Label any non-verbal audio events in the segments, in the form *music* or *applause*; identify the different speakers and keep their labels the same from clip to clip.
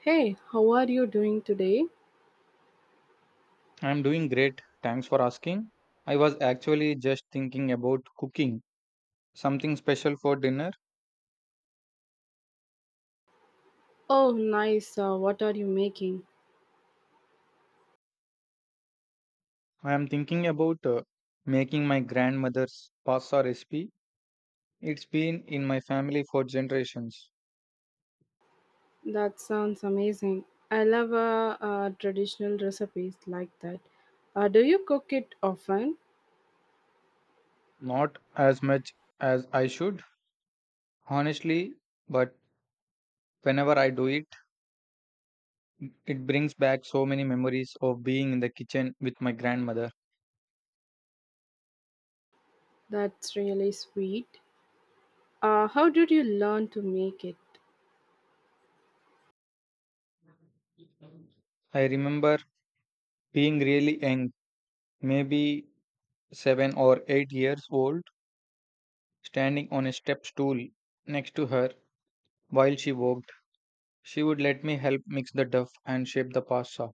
Speaker 1: Hey, how are you doing today?
Speaker 2: I'm doing great. Thanks for asking. I was actually just thinking about cooking something special for dinner.
Speaker 1: Oh, nice. What are you making?
Speaker 2: I am thinking about making my grandmother's pasta recipe. It's been in my family for generations.
Speaker 1: That sounds amazing. I love traditional recipes like that. Do you cook it often?
Speaker 2: Not as much as I should, honestly, but whenever I do it, it brings back so many memories of being in the kitchen with my grandmother.
Speaker 1: That's really sweet. How did you learn to make it?
Speaker 2: I remember being really young, maybe 7 or 8 years old, standing on a step stool next to her while she worked. She would let me help mix the dough and shape the pasta.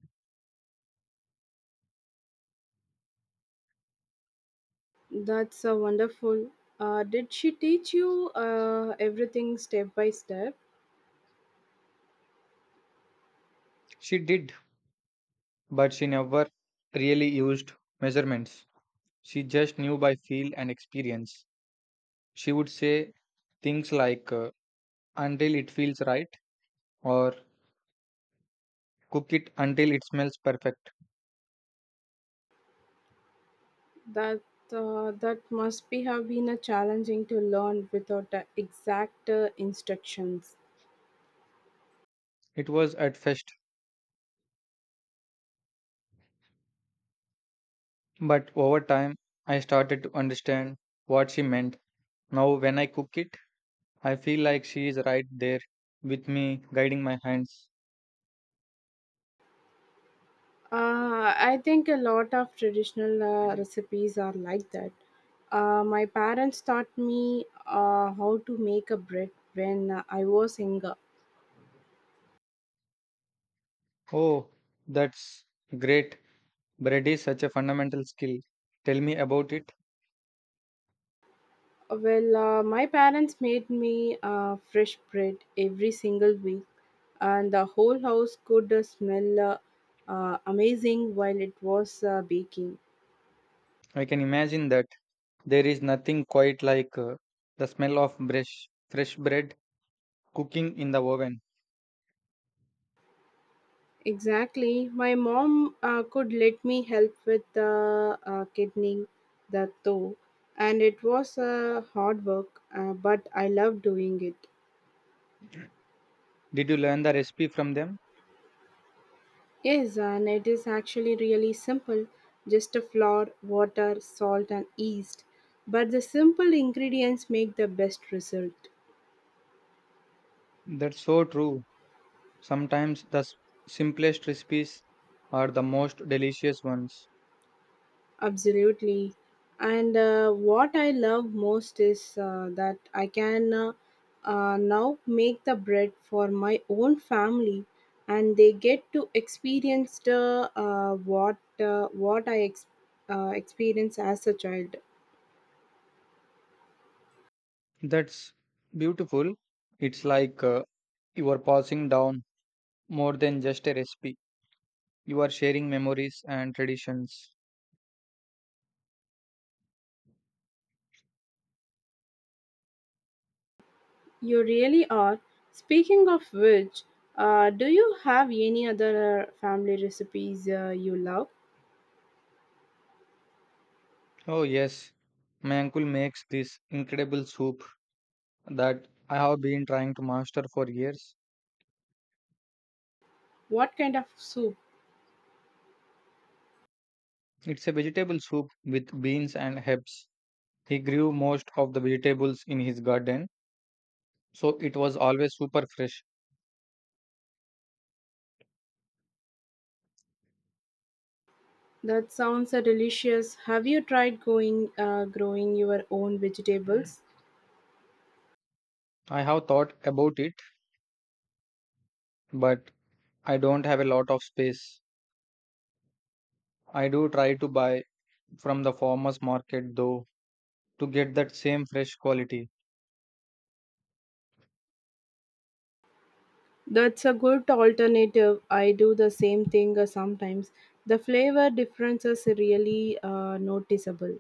Speaker 1: That's wonderful. Did she teach you everything step by step?
Speaker 2: She did, but she never really used measurements. She just knew by feel and experience. She would say things like until it feels right or cook it until it smells perfect.
Speaker 1: That that must be have been a challenging to learn without exact instructions.
Speaker 2: It was at first, but over time I started to understand what she meant. Now, when I cook it, I feel like she is right there with me, guiding my hands.
Speaker 1: I think a lot of traditional recipes are like that. My parents taught me how to make a bread when I was younger.
Speaker 2: Oh, that's great. Bread is such a fundamental skill. Tell me about it.
Speaker 1: Well, my parents made me fresh bread every single week, and the whole house could smell amazing while it was baking.
Speaker 2: I can imagine that there is nothing quite like the smell of fresh bread cooking in the oven.
Speaker 1: Exactly. My mom could let me help with the kidneying the toe, and it was hard work, but I love doing it.
Speaker 2: Did you learn the recipe from them?
Speaker 1: Yes, and it is actually really simple just a flour, water, salt, and yeast. But the simple ingredients make the best result.
Speaker 2: That's so true. Sometimes the simplest recipes are the most delicious ones.
Speaker 1: Absolutely. And what I love most is that I can now make the bread for my own family, and they get to experience the, uh, experienced as a child.
Speaker 2: That's beautiful. It's like you are passing down more than just a recipe, you are sharing memories and traditions.
Speaker 1: You really are. Speaking of which, do you have any other family recipes you love?
Speaker 2: Oh, yes, my uncle makes this incredible soup that I have been trying to master for years.
Speaker 1: What kind of soup?
Speaker 2: It's a vegetable soup with beans and herbs. He grew most of the vegetables in his garden, so it was always super fresh.
Speaker 1: That sounds delicious. Have you tried going growing your own vegetables?
Speaker 2: I have thought about it, but I don't have a lot of space. I do try to buy from the farmers market though to get that same fresh quality.
Speaker 1: That's a good alternative. I do the same thing sometimes. The flavor difference is really noticeable.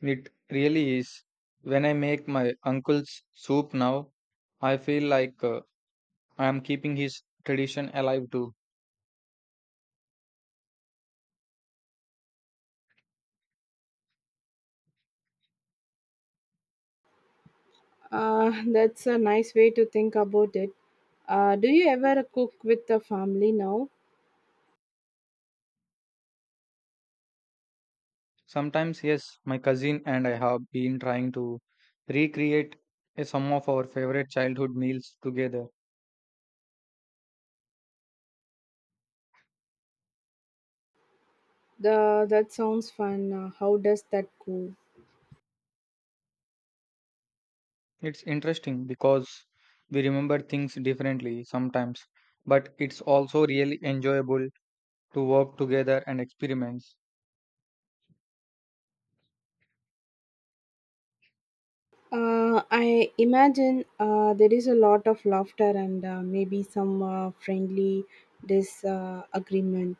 Speaker 2: It really is. When I make my uncle's soup now, I feel like I am keeping his tradition alive too.
Speaker 1: *laughs* That's a nice way to think about it. Do you ever cook with the family now?
Speaker 2: Sometimes, yes, my cousin and I have been trying to recreate some of our favorite childhood meals together.
Speaker 1: The that sounds fun. How does that go?
Speaker 2: It's interesting because we remember things differently sometimes, but it's also really enjoyable to work together and experiment.
Speaker 1: I imagine there is a lot of laughter and maybe some friendly disagreement.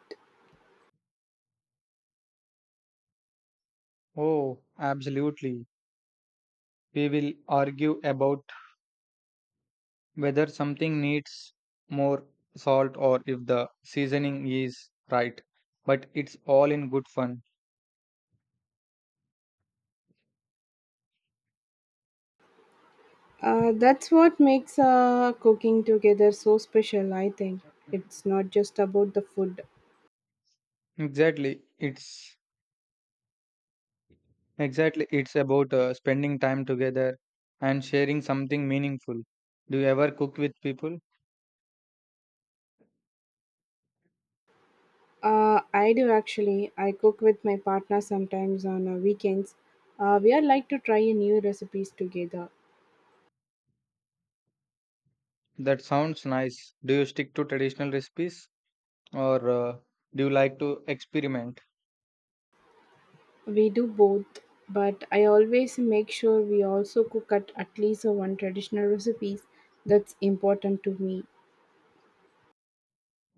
Speaker 2: Oh, absolutely. We will argue about whether something needs more salt or if the seasoning is right, but it's all in good fun.
Speaker 1: That's what makes cooking together so special, I think. It's not just about the food.
Speaker 2: Exactly. It's exactly it's about spending time together and sharing something meaningful. Do you ever cook with people?
Speaker 1: I do actually. I cook with my partner sometimes on weekends. We are like to try a new recipes together.
Speaker 2: That sounds nice. Do you stick to traditional recipes or do you like to experiment?
Speaker 1: We do both, but I always make sure we also cook at least one traditional recipes that's important to me.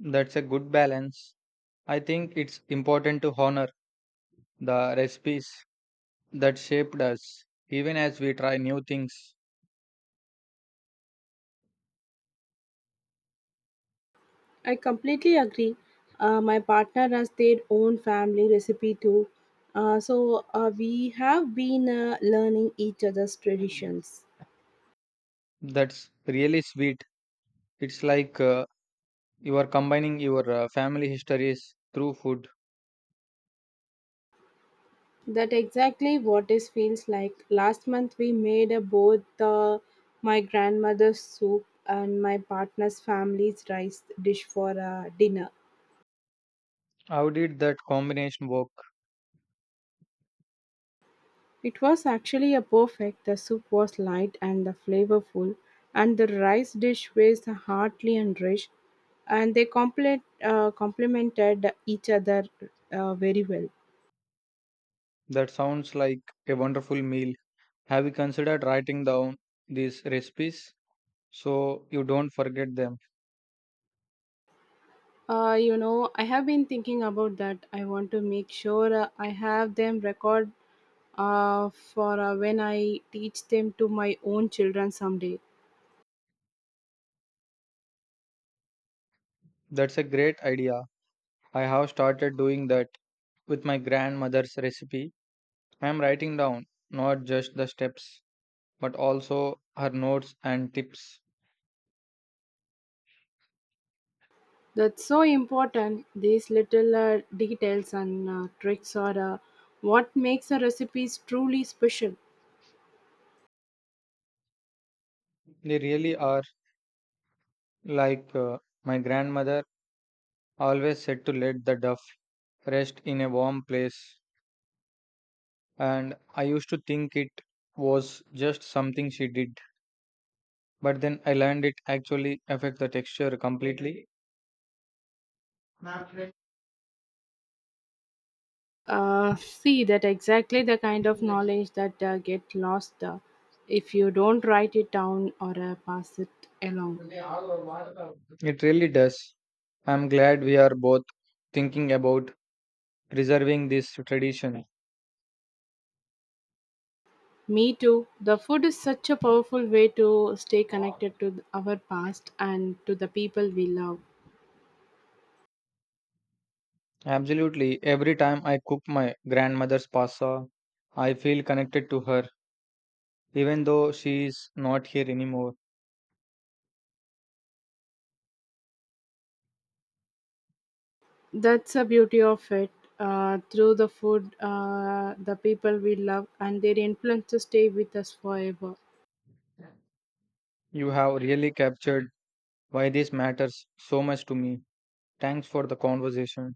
Speaker 2: That's a good balance. I think it's important to honor the recipes that shaped us even as we try new things.
Speaker 1: I completely agree. My partner has their own family recipe too, so we have been learning each other's traditions.
Speaker 2: That's really sweet. It's like you are combining your family histories through food.
Speaker 1: That exactly what it feels like. Last month we made both my grandmother's soup and my partner's family's rice dish for dinner.
Speaker 2: How did that combination work?
Speaker 1: It was actually a perfect. The soup was light and the flavorful, and the rice dish was hearty and rich, and they complemented each other very well.
Speaker 2: That sounds like a wonderful meal. Have you considered writing down these recipes so you don't forget them?
Speaker 1: You know, I have been thinking about that. I want to make sure I have them record for when I teach them to my own children someday.
Speaker 2: That's a great idea. I have started doing that with my grandmother's recipe. I am writing down not just the steps but also her notes and tips.
Speaker 1: That's so important. These little details and tricks are what makes a recipes truly special.
Speaker 2: They really are like my grandmother always said to let the duff rest in a warm place, and I used to think it was just something she did. But then I learned it actually affects the texture completely.
Speaker 1: See, that exactly the kind of knowledge that get lost if you don't write it down or pass it along.
Speaker 2: It really does. I'm glad we are both thinking about preserving this tradition.
Speaker 1: Me too. The food is such a powerful way to stay connected to our past and to the people we love.
Speaker 2: Absolutely. Every time I cook my grandmother's pasta, I feel connected to her, even though she is not here anymore.
Speaker 1: That's the beauty of it. Through the food, the people we love and their influences stay with us forever.
Speaker 2: You have really captured why this matters so much to me. Thanks for the conversation.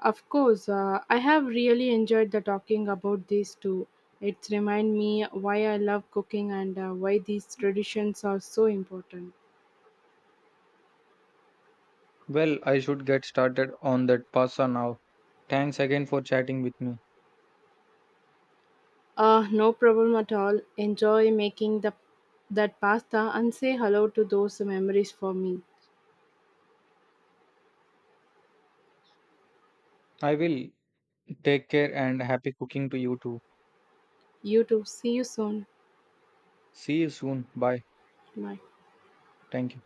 Speaker 1: Of course, I have really enjoyed the talking about these two. It's remind me why I love cooking and why these traditions are so important.
Speaker 2: Well, I should get started on that pasta now. Thanks again for chatting with me.
Speaker 1: No problem at all. Enjoy making the that pasta and say hello to those memories for me.
Speaker 2: I will take care and happy cooking to you too.
Speaker 1: You too. See you soon.
Speaker 2: See you soon. Bye.
Speaker 1: Bye.
Speaker 2: Thank you.